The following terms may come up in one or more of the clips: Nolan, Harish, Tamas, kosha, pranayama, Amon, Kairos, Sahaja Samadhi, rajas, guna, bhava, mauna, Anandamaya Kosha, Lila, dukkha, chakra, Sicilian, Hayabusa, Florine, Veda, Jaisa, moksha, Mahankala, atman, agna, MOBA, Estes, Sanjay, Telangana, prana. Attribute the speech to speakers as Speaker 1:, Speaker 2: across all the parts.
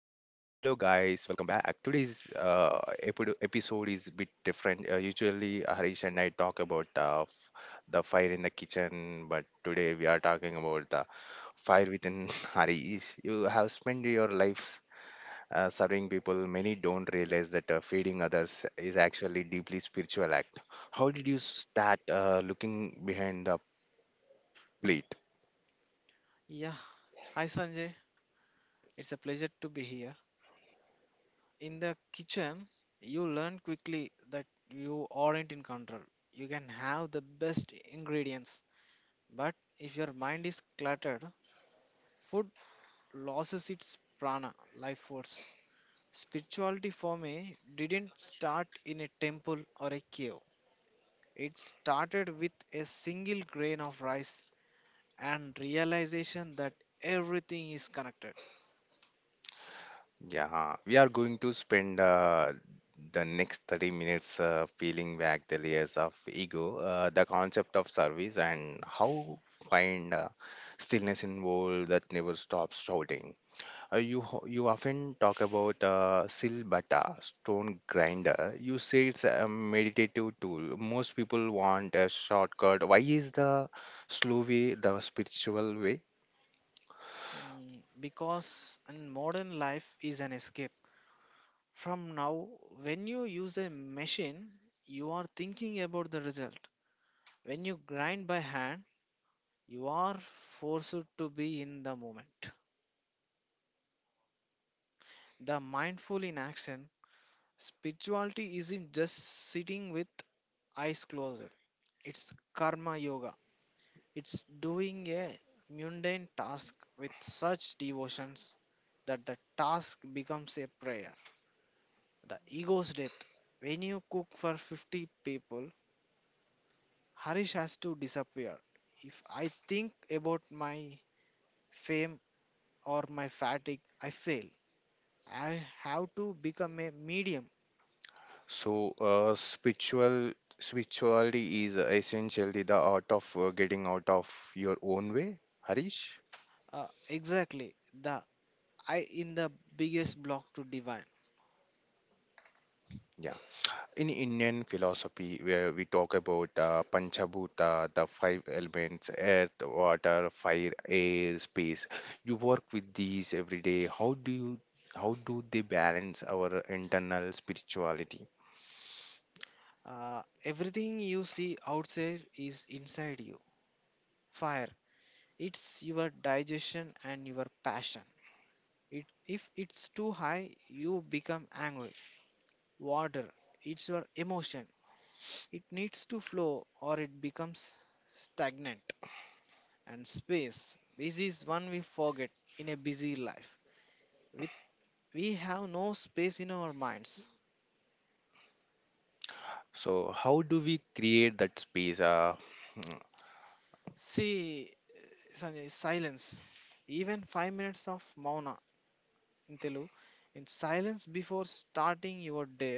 Speaker 1: guys, welcome back. Today's episode is a bit different. Usually Harish and I talk about the fire in the kitchen, but today we are talking about the fire within Harish. You have spent your life serving people. Many don't realize that feeding others is actually deeply spiritual act. How did you start looking behind the plate?
Speaker 2: Yeah, hi Sanjay. It's a pleasure to be here. In the kitchen, you learn quickly that you aren't in control. You can have the best ingredients, but if your mind is cluttered, food loses its prana, life force. Spirituality for me didn't start in a temple or a cave. It started with a single grain of rice and realization that everything is connected.
Speaker 1: Yeah, we are going to spend the next 30 minutes peeling back the layers of ego, the concept of service, and how find stillness in world that never stops shouting. You you often talk about silbata, stone grinder. You say it's a meditative tool. Most people want a shortcut. Why is the slow way the spiritual way?
Speaker 2: Because in modern life is an escape from now. When you use a machine, you are thinking about the result. When you grind by hand, you are forced to be in the moment, the mindful in action. Spirituality isn't just sitting with eyes closed. It's karma yoga. It's doing a mundane task with such devotions that the task becomes a prayer. The ego's death. When you cook for 50 people, Harish has to disappear. If I think about my fame or my fatigue, I fail. I have to become a medium.
Speaker 1: So, spirituality is essentially the art of getting out of your own way, Harish.
Speaker 2: Exactly. The I in the biggest block to divine.
Speaker 1: Yeah. In Indian philosophy, where we talk about Panchabhuta, the five elements, earth, water, fire, air, space. You work with these every day. How do they balance our internal spirituality?
Speaker 2: Everything you see outside is inside you. Fire. It's your digestion and your passion. It, if it's too high, you become angry. Water, it's your emotion. It needs to flow or it becomes stagnant. And space, this is one we forget. In a busy life, we, we have no space in our minds.
Speaker 1: So, how do we create that space?
Speaker 2: See Sanjay, silence, even 5 minutes of mauna, in telugu, in silence before starting your day.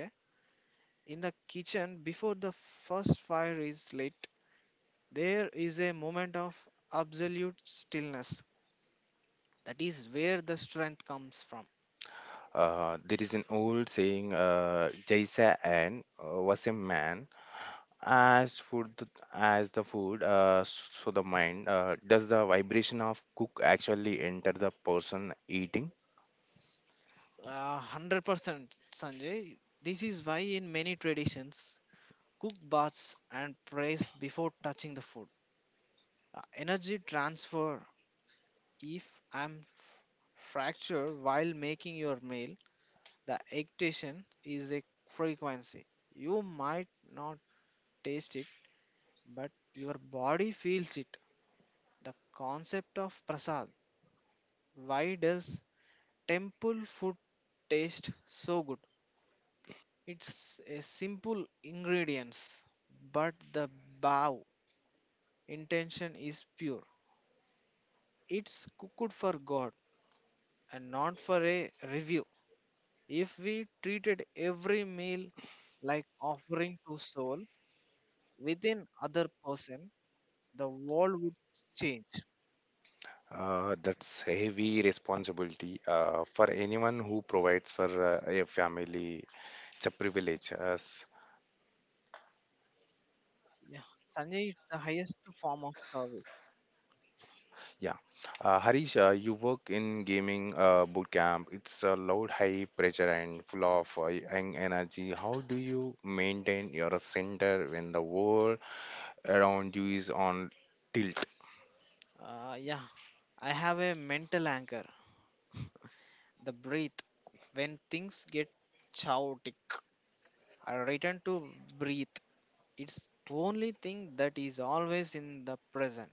Speaker 2: In the kitchen before the first fire is lit, there is a moment of absolute stillness. That is where the strength comes from.
Speaker 1: There is an old saying, "Jaisa and was a man." As food, as the food, so the mind. Does the vibration of cook actually enter the person eating?
Speaker 2: 100% Sanjay, this is why in many traditions cook baths and prays before touching the food. Energy transfer. If I'm fracture while making your meal, the agitation is a frequency. You might not taste it, but your body feels it. The concept of prasad, why does temple food taste so good? It's a simple ingredients, but the bow intention is pure. It's cooked for God and not for a review. If we treated every meal like offering to soul within other person, the world would change.
Speaker 1: That's heavy responsibility for anyone who provides for a family. It's a privilege. Yes.
Speaker 2: Yeah, Sanjay, it's the highest form of service.
Speaker 1: Yeah. Harish, you work in gaming bootcamp. It's a loud, high pressure and full of young energy. How do you maintain your center when the world around you is on tilt?
Speaker 2: Yeah, I have a mental anchor. The breath, when things get chaotic, I return to breathe. It's only thing that is always in the present.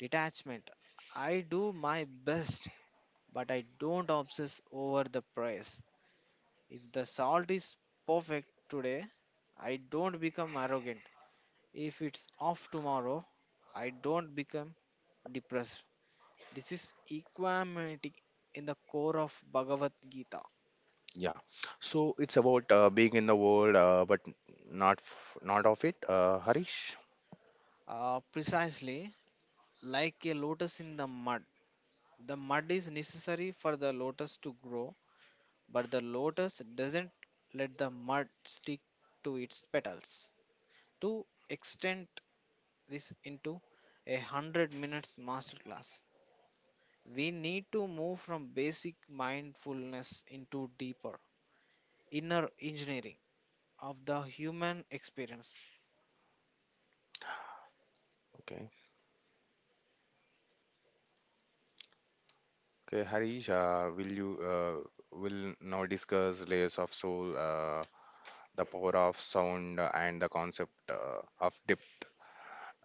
Speaker 2: Detachment. I do my best, but I don't obsess over the price. If the salt is perfect today, I don't become arrogant. If it's off tomorrow, I don't become depressed. This is equanimity in the core of Bhagavad Gita.
Speaker 1: Yeah. So it's about being in the world, but not of it. Harish.
Speaker 2: Precisely, like a lotus in the mud. The mud is necessary for the lotus to grow, but the lotus doesn't let the mud stick to its petals. To extend this into a 100 minutes masterclass, we need to move from basic mindfulness into deeper inner engineering of the human experience.
Speaker 1: Okay. Okay, Harish. Will now discuss layers of soul, the power of sound, and the concept of depth.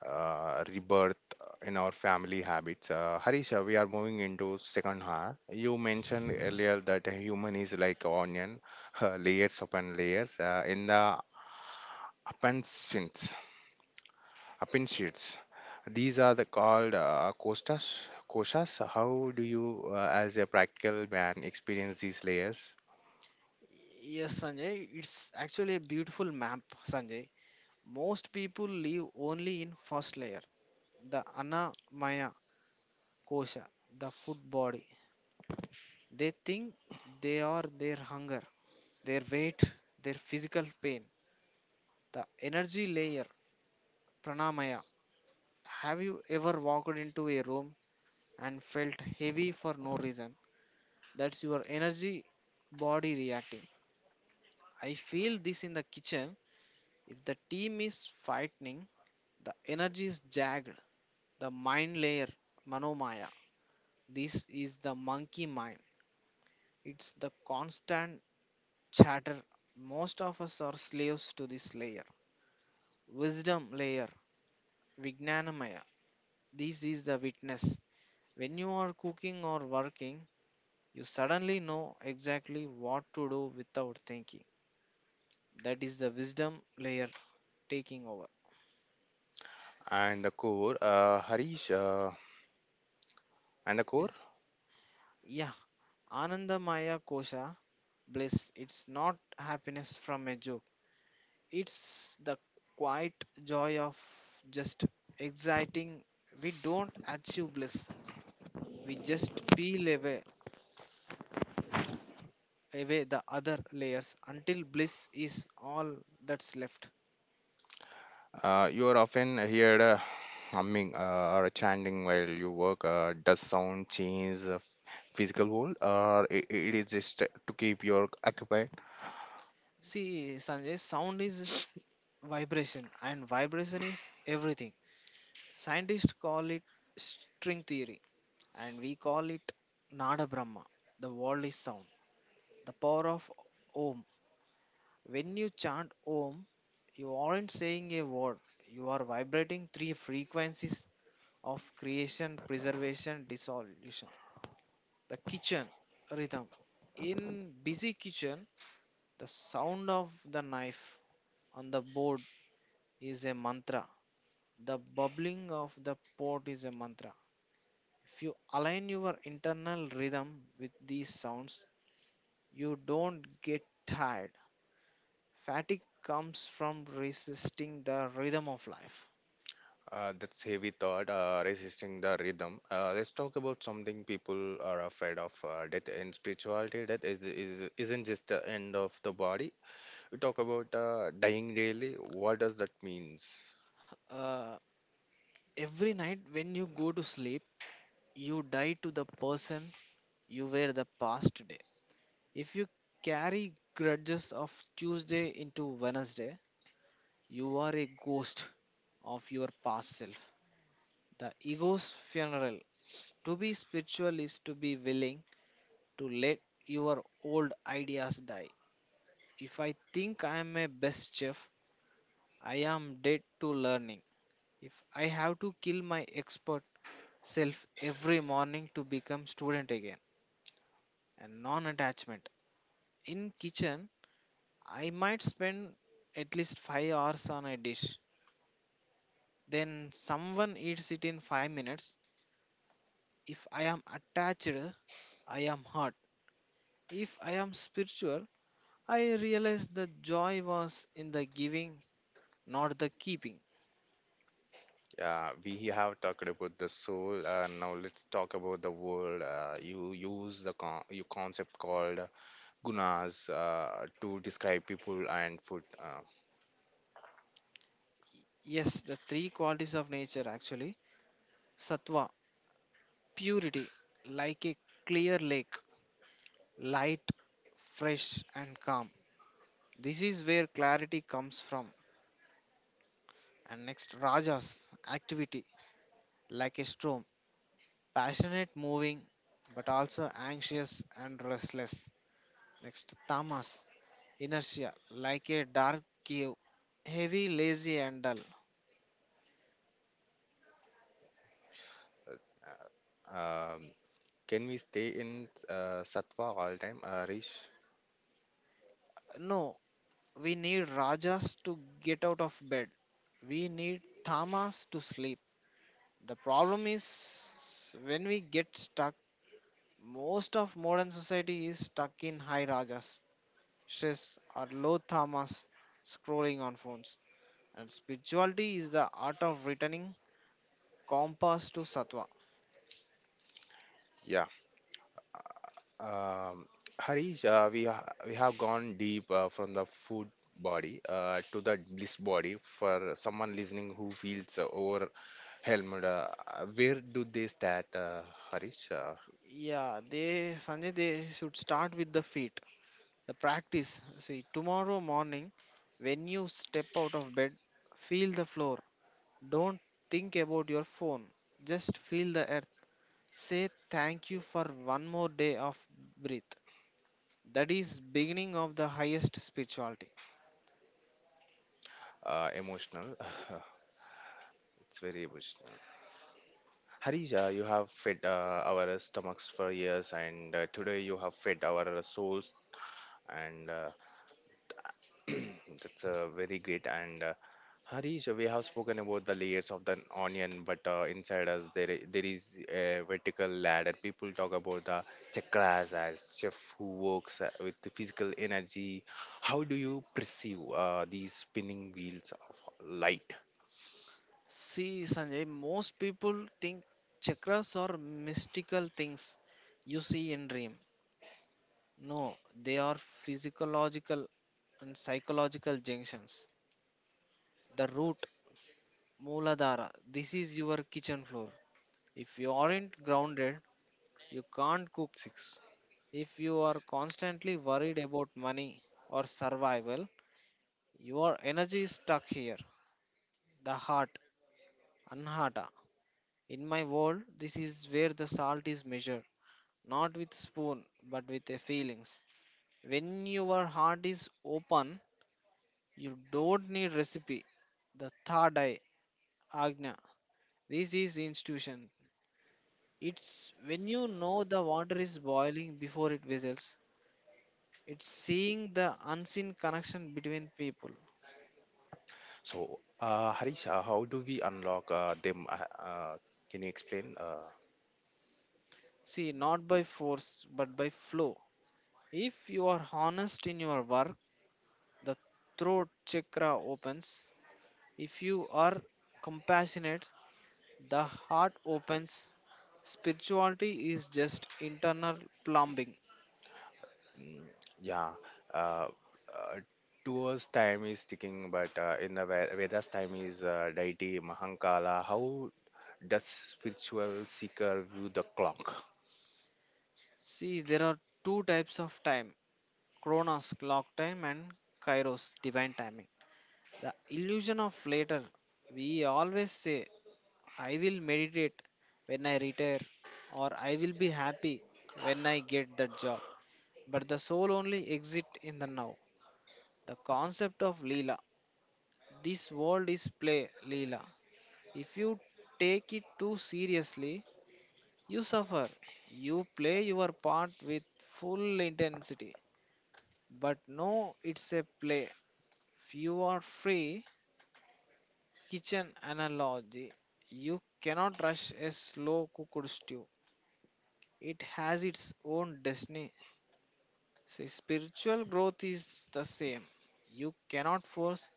Speaker 1: Rebirth in our family habits. Harisha, we are moving into second half. You mentioned earlier that a human is like onion, layers upon layers in the appendages. appendages. These are the called costas. Koshas. How do you, as a practical man, experience these layers?
Speaker 2: Yes, Sanjay, it's actually a beautiful map, Sanjay. Most people live only in first layer, the ana maya kosha, the food body. They think they are their hunger, their weight, their physical pain. The energy layer, pranamaya. Have you ever walked into a room and felt heavy for no reason? That's your energy body reacting. I feel this in the kitchen. If the team is fighting, the energy is jagged. The mind layer, manomaya. This is the monkey mind. It's the constant chatter. Most of us are slaves to this layer. Wisdom layer, Vignanamaya. This is the witness. When you are cooking or working, you suddenly know exactly what to do without thinking. That is the wisdom layer taking over.
Speaker 1: And the core, and the core.
Speaker 2: Yes. Yeah, Anandamaya Kosha, bliss. It's not happiness from a joke. It's the quiet joy of just exciting. We don't achieve bliss. We just peel away the other layers until bliss is all that's left.
Speaker 1: You are often heard humming or chanting while you work. Does sound change the physical world, or I it is just to keep you occupied?
Speaker 2: See, Sanjay, sound is vibration, and vibration is everything. Scientists call it string theory, and we call it Nada Brahma. The world is sound. The power of Om. When you chant Om, you aren't saying a word, you are vibrating three frequencies of creation, preservation, dissolution. The kitchen rhythm. In busy kitchen, the sound of the knife on the board is a mantra. The bubbling of the pot is a mantra. If you align your internal rhythm with these sounds, you don't get tired. Fatigue comes from resisting the rhythm of life.
Speaker 1: That's heavy thought, resisting the rhythm. Let's talk about something people are afraid of: death and spirituality. Death is isn't just the end of the body. We talk about dying daily. What does that mean?
Speaker 2: Uh, every night when you go to sleep, you die to the person you were the past day. If you carry grudges of Tuesday into Wednesday, you are a ghost of your past self. The ego's funeral. To be spiritual is to be willing to let your old ideas die. If I think I am a best chef, I am dead to learning. If I have to kill my expert self every morning to become student again. And non-attachment. In kitchen, I might spend at least 5 hours on a dish, then someone eats it in 5 minutes. If I am attached, I am hurt. If I am spiritual, I realize the joy was in the giving, not the keeping.
Speaker 1: Yeah, we have talked about the soul. Now let's talk about the world. You you concept called gunas to describe people and food.
Speaker 2: Yes, the three qualities of nature actually: sattva, purity, like a clear lake, light, fresh, and calm. This is where clarity comes from. And next, rajas, activity, like a storm, passionate, moving, but also anxious and restless. Next, Tamas, inertia, like a dark cave, heavy, lazy, and dull.
Speaker 1: Uh, um, can we stay in sattva all time, Harish?
Speaker 2: No, we need Rajas to get out of bed. We need Tamas to sleep. The problem is when we get stuck, most of modern society is stuck in high Rajas, stress, or low Tamas, scrolling on phones. And spirituality is the art of returning compass to Sattva.
Speaker 1: Yeah. Um, Harish, we have gone deep from the food body to the bliss body. For someone listening who feels overwhelmed, where do they start, Harish?
Speaker 2: Yeah, they Sanjay, they should start with the feet. The practice, see, tomorrow morning when you step out of bed, feel the floor. Don't think about your phone. Just feel the earth. Say thank you for one more day of breath. That is beginning of the highest spirituality.
Speaker 1: Emotional. It's very emotional. Harish, you have fed our stomachs for years, and today you have fed our souls, and that's very great. And Harish, we have spoken about the layers of the onion, but inside us there is a vertical ladder. People talk about the chakras as chef who works with the physical energy. How do you perceive these spinning wheels of light?
Speaker 2: See, Sanjay, most people think chakras are mystical things you see in dream. No, they are physiological and psychological junctions. The root, Mooladhara, this is your kitchen floor. If you aren't grounded, you can't cook.
Speaker 1: Six.
Speaker 2: If you are constantly worried about money or survival, your energy is stuck here. The heart, anhata. In my world, this is where the salt is measured, not with spoon, but with the feelings. When your heart is open, you don't need recipe. The third eye, agna. This is institution. It's when you know the water is boiling before it whistles. It's seeing the unseen connection between people.
Speaker 1: So, Harisha, how do we unlock them? Can you explain?
Speaker 2: See, not by force, but by flow. If you are honest in your work, the throat chakra opens. If you are compassionate, the heart opens. Spirituality is just internal plumbing.
Speaker 1: Yeah, uh, uh, to time is ticking, but in the Vedas time is deity Mahankala. How does spiritual seeker view the clock?
Speaker 2: See, there are two types of time: Kronos, clock time, and Kairos, divine timing. The illusion of later. We always say, I will meditate when I retire, or I will be happy when I get that job. But the soul only exists in the now. The concept of Leela. This world is play, Leela. If you take it too seriously, you suffer. You play your part with full intensity. But no, it's a play. You are free. Kitchen analogy, you cannot rush a slow cooked stew. It has its own destiny. See, spiritual growth is the same. You cannot force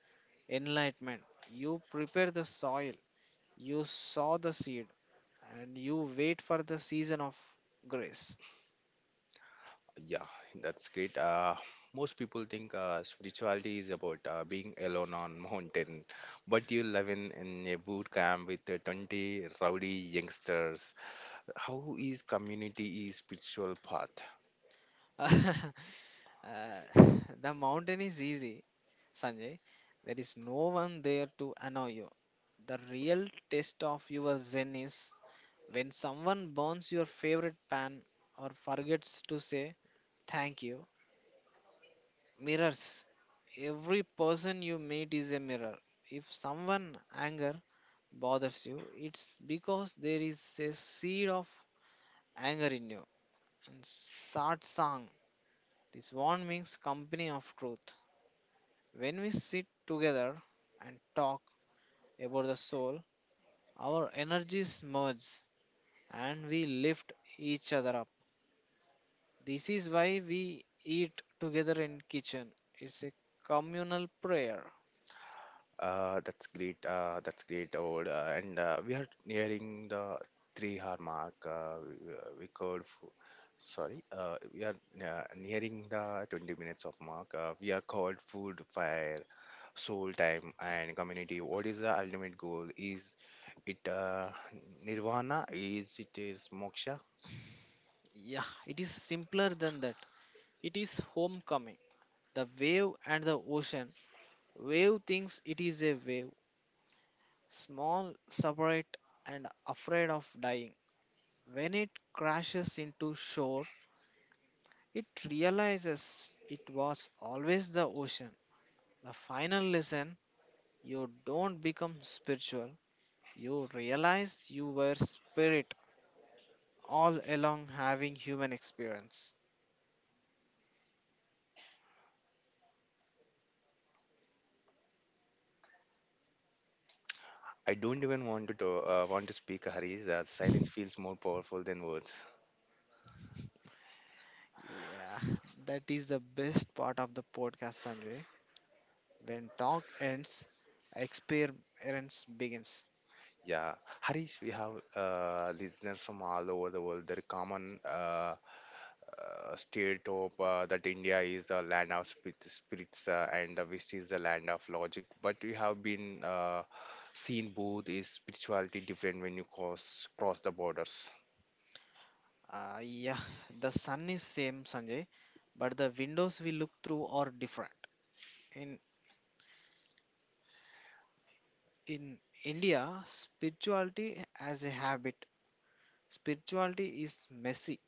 Speaker 2: enlightenment. You prepare the soil, you sow the seed, and you wait for the season of grace.
Speaker 1: Yeah, that's great. Most people think spirituality is about being alone on mountain, but you live in a boot camp with 20 rowdy youngsters. How is community is spiritual path?
Speaker 2: Uh, the mountain is easy, Sanjay. There is no one there to annoy you. The real test of your zen is when someone burns your favorite pan or forgets to say thank you. Mirrors. Every person you meet is a mirror. If someone anger bothers you, it's because there is a seed of anger in you. And sad song. This one means company of truth. When we sit together and talk about the soul, our energies merge and we lift each other up. This is why we eat together in kitchen. It's a communal prayer.
Speaker 1: That's great. That's great, old. And we are nearing the 3 hour mark. Sorry, we are nearing the 20 minutes of mark. We are called food, fire, soul time, and community. What is the ultimate goal? Is it nirvana? Is it is moksha?
Speaker 2: Yeah, it is simpler than that. It is homecoming. The wave and the ocean. Wave thinks it is a wave, small, separate, and afraid of dying. When it crashes into shore, it realizes it was always the ocean. The final lesson, you don't become spiritual, you realize you were spirit all along having human experience.
Speaker 1: I don't even want to talk, want to speak, Harish. That silence feels more powerful than words.
Speaker 2: Yeah, that is the best part of the podcast, Sanjay. When talk ends, experience begins.
Speaker 1: Yeah, Harish, we have listeners from all over the world. There is common stereotype that India is the land of spirits and the West is the land of logic. But we have been seen both is spirituality different when you cross the borders.
Speaker 2: Yeah, the sun is same, Sanjay, but the windows we look through are different. In in India, spirituality as a habit. Spirituality is messy.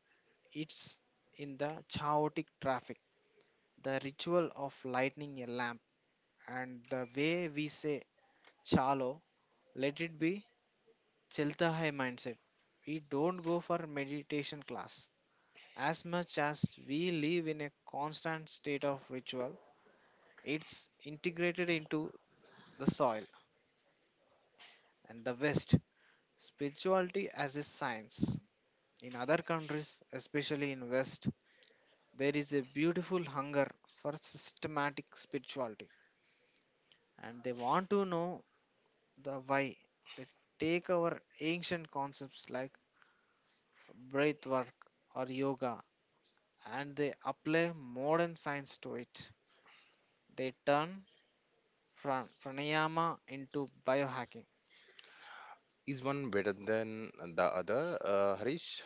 Speaker 2: It's in the chaotic traffic, the ritual of lighting a lamp, and the way we say chalo, let it be. Chelta Hai mindset. We don't go for meditation class. As much as we live in a constant state of ritual, it's integrated into the soil and the West. Spirituality as a science. In other countries, especially in West, there is a beautiful hunger for systematic spirituality and they want to know the why. They take our ancient concepts like breath work or yoga and they apply modern science to it. They turn pranayama into biohacking.
Speaker 1: Is one better than the other, Harish?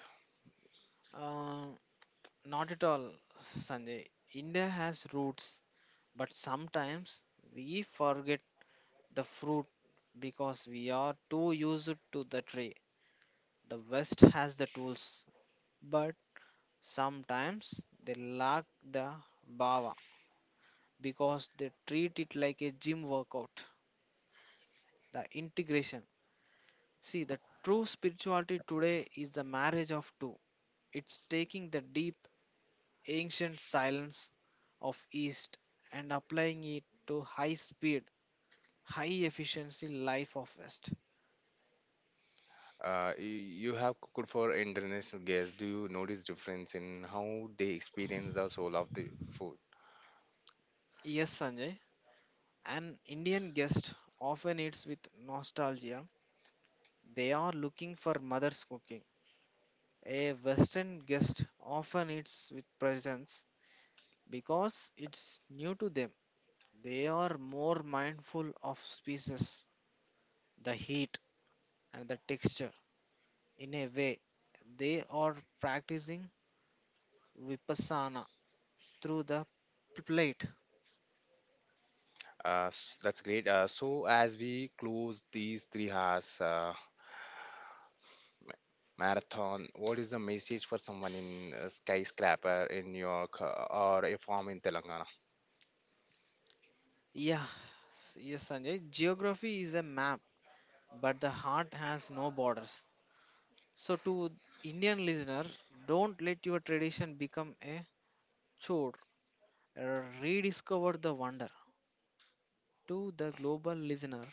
Speaker 2: Uh, Not at all, Sanjay. India has roots, but sometimes we forget the fruit because we are too used to the tree. The West has the tools, but sometimes they lack the bhava because they treat it like a gym workout. The integration. See, the true spirituality today is the marriage of two. It's taking the deep, ancient silence of East and applying it to high speed, high efficiency life of West.
Speaker 1: You have cooked for international guests. Do you notice difference in how they experience the soul of the food?
Speaker 2: Yes, Sanjay, an Indian guest often eats with nostalgia. They are looking for mother's cooking. A Western guest often eats with presence because it's new to them. They are more mindful of species, the heat and the texture. In a way, they are practicing vipassana through the plate.
Speaker 1: That's great. So, as we close these 3 hours ma- marathon, what is the message for someone in a skyscraper in New York or a farm in Telangana?
Speaker 2: Yeah, yes, Sanjay. Geography is a map, but the heart has no borders. So, to Indian listener, don't let your tradition become a chore. Rediscover the wonder. To the global listener,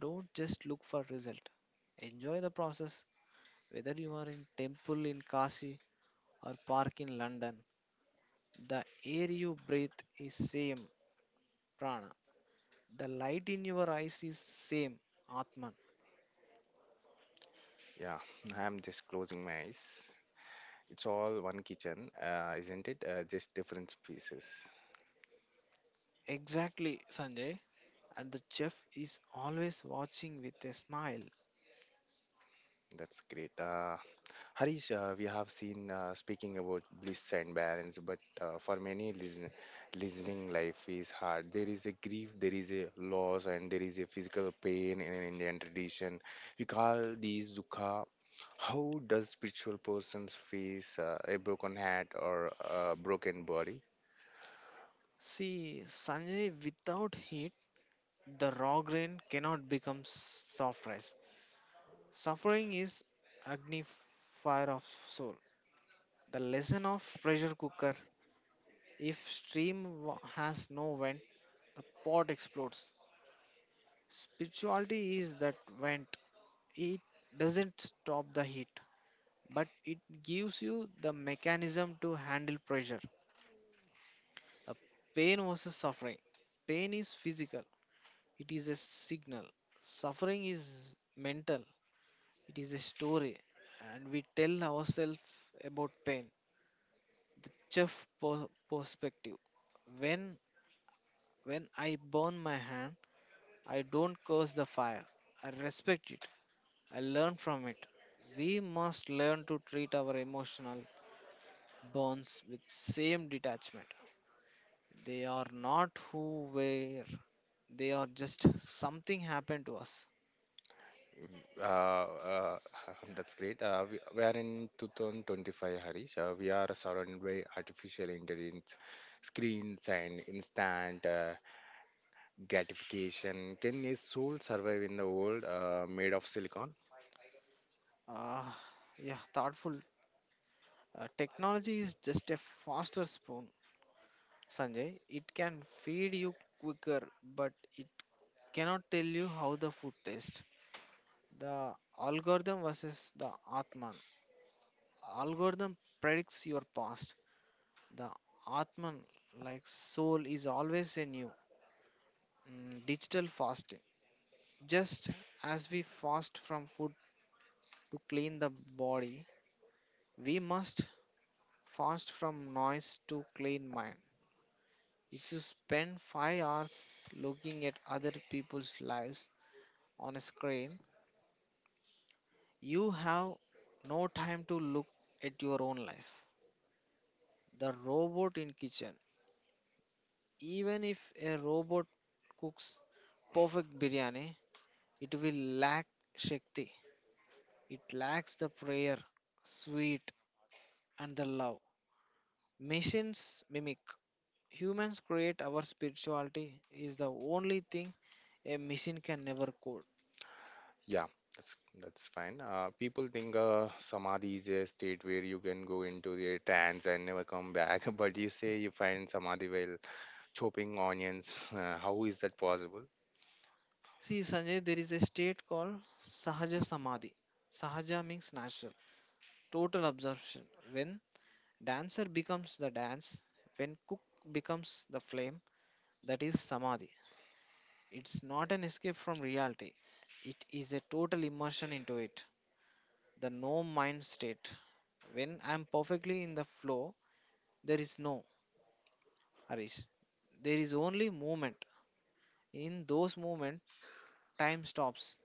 Speaker 2: don't just look for result. Enjoy the process, whether you are in temple in Kashi or park in London. The air you breathe is same prana. The light in your eyes is same atman.
Speaker 1: Yeah, I'm just closing my eyes. It's all one kitchen, isn't it? Just different pieces.
Speaker 2: Exactly, Sanjay, and the chef is always watching with a smile.
Speaker 1: That's great. Harish, we have seen speaking about bliss and balance, but for many listening, life is hard. There is a grief, there is a loss, and there is a physical pain in an Indian tradition. We call these dukkha. How does spiritual persons face a broken heart or a broken body?
Speaker 2: See, Sanjay, without heat the raw grain cannot become soft rice. Suffering is agni, fire of soul. The lesson of pressure cooker: if stream has no vent, the pot explodes. Spirituality is that vent. It doesn't stop the heat, but it gives you the mechanism to handle pressure. The pain versus suffering. Pain is physical, it is a signal. Suffering is mental, it is a story, and we tell ourselves about pain. The perspective. When when I burn my hand, I don't curse the fire. I respect it. I learn from it. We must learn to treat our emotional bonds with same detachment. They are not who were, they are just something happened to us.
Speaker 1: Uh, uh, that's great. We are in 2025, Harish. We are surrounded by artificial intelligence screens and instant gratification. Can a soul survive in the world made of silicon?
Speaker 2: Ah, yeah, thoughtful. Technology is just a faster spoon, Sanjay. It can feed you quicker, but it cannot tell you how the food tastes. The algorithm versus the atman. Algorithm predicts your past. The atman, like soul, is always in you. Mm, digital fasting. Just as we fast from food to clean the body, we must fast from noise to clean mind. If you spend 5 hours looking at other people's lives on a screen, you have no time to look at your own life. The robot in kitchen, even if a robot cooks perfect biryani, it will lack Shakti. It lacks the prayer, sweet, and the love. Machines mimic. Humans create. Our spirituality is the only thing a machine can never code.
Speaker 1: Yeah, that's that's fine. People think samadhi is a state where you can go into the trance and never come back, but you say you find samadhi while chopping onions. How is that possible?
Speaker 2: See, Sanjay, there is a state called Sahaja Samadhi. Sahaja means natural, total absorption. When dancer becomes the dance, when cook becomes the flame, that is Samadhi. It's not an escape from reality, it is a total immersion into it, the no mind state. When I'm perfectly in the flow, there is no Harish, there is only movement. In those movement, time stops.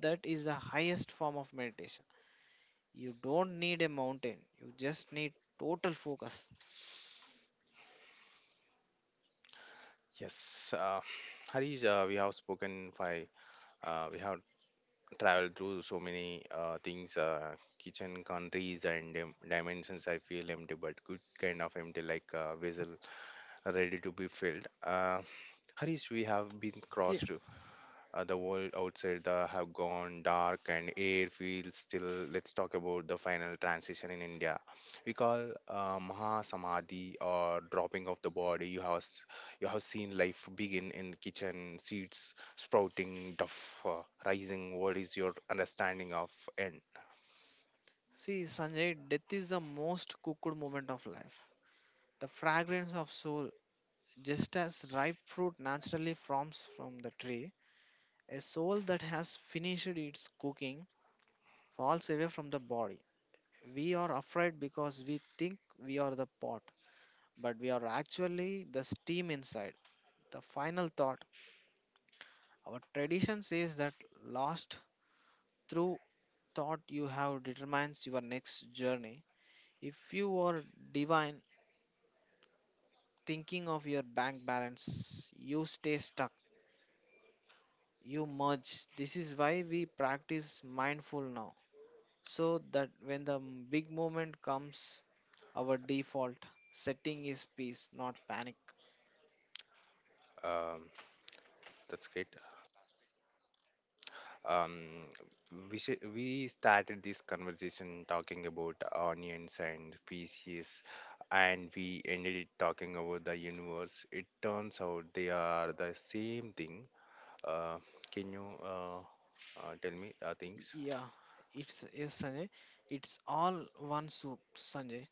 Speaker 2: That is the highest form of meditation. You don't need a mountain. You just need total focus.
Speaker 1: Yes, Harish, we have traveled through so many things, kitchen countries and dimensions. I feel empty, but good kind of empty, like a vessel ready to be filled. Harish, we have been
Speaker 2: Yeah.
Speaker 1: crossed. The world outside The have gone dark and air feels still. Let's talk about the final transition in India. We call Maha Samadhi or dropping of the body. You have seen life begin in kitchen, seeds sprouting, duff rising. What is your understanding of end?
Speaker 2: See, Sanjay, death is the most cooked moment of life. The fragrance of soul, just as ripe fruit naturally forms from the tree, a soul that has finished its cooking falls away from the body. We are afraid because we think we are the pot, but we are actually the steam inside. The final thought, our tradition says that last through thought you have determines your next journey. If you are divine thinking of your bank balance, you stay stuck, you merge. This is why we practice mindful now, so that when the big moment comes, our default setting is peace, not panic.
Speaker 1: Um, that's great. Um, we should, we started this conversation talking about onions and species, and we ended it talking about the universe. It turns out they are the same thing. Uh, can you tell me things?
Speaker 2: Yeah, it's yes, Sanjay. It's all one soup, Sanjay.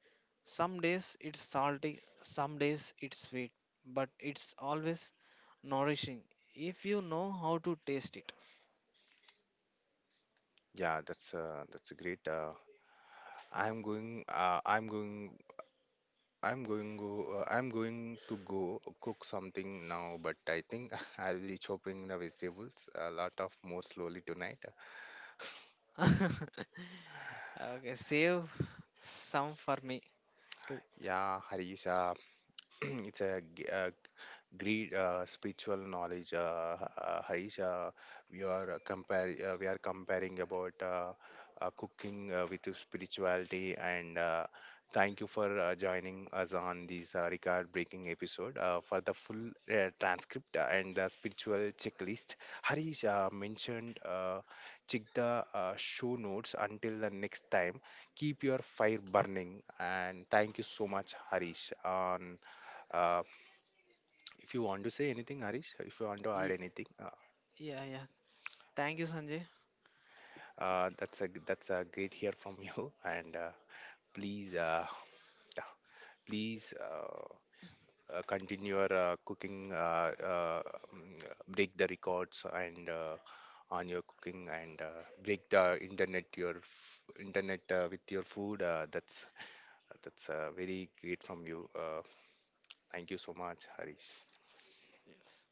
Speaker 2: Some days it's salty, some days it's sweet, but it's always nourishing if you know how to taste it.
Speaker 1: Yeah, that's great. I'm going. I'm going. I'm going go. I'm going to go cook something now. But I think I'll be chopping the vegetables a lot of more slowly tonight.
Speaker 2: Okay, save some for me too.
Speaker 1: Yeah, Harish, it's a great spiritual knowledge, Harish. We are comparing about cooking with spirituality, and thank you for joining us on this record-breaking episode. For the full transcript and the spiritual checklist, Harish mentioned. Check the show notes until the next time keep your fire burning and thank you so much Harish on uh, if you want to say anything, Harish, if you want to add
Speaker 2: Ye-
Speaker 1: anything,
Speaker 2: Yeah, yeah. Thank you, Sanjay.
Speaker 1: that's a great hear from you. And please, yeah, please continue your cooking. Break the records and on your cooking and break the internet with your food. That's very great from you. Thank you so much, Harish.
Speaker 2: Yes.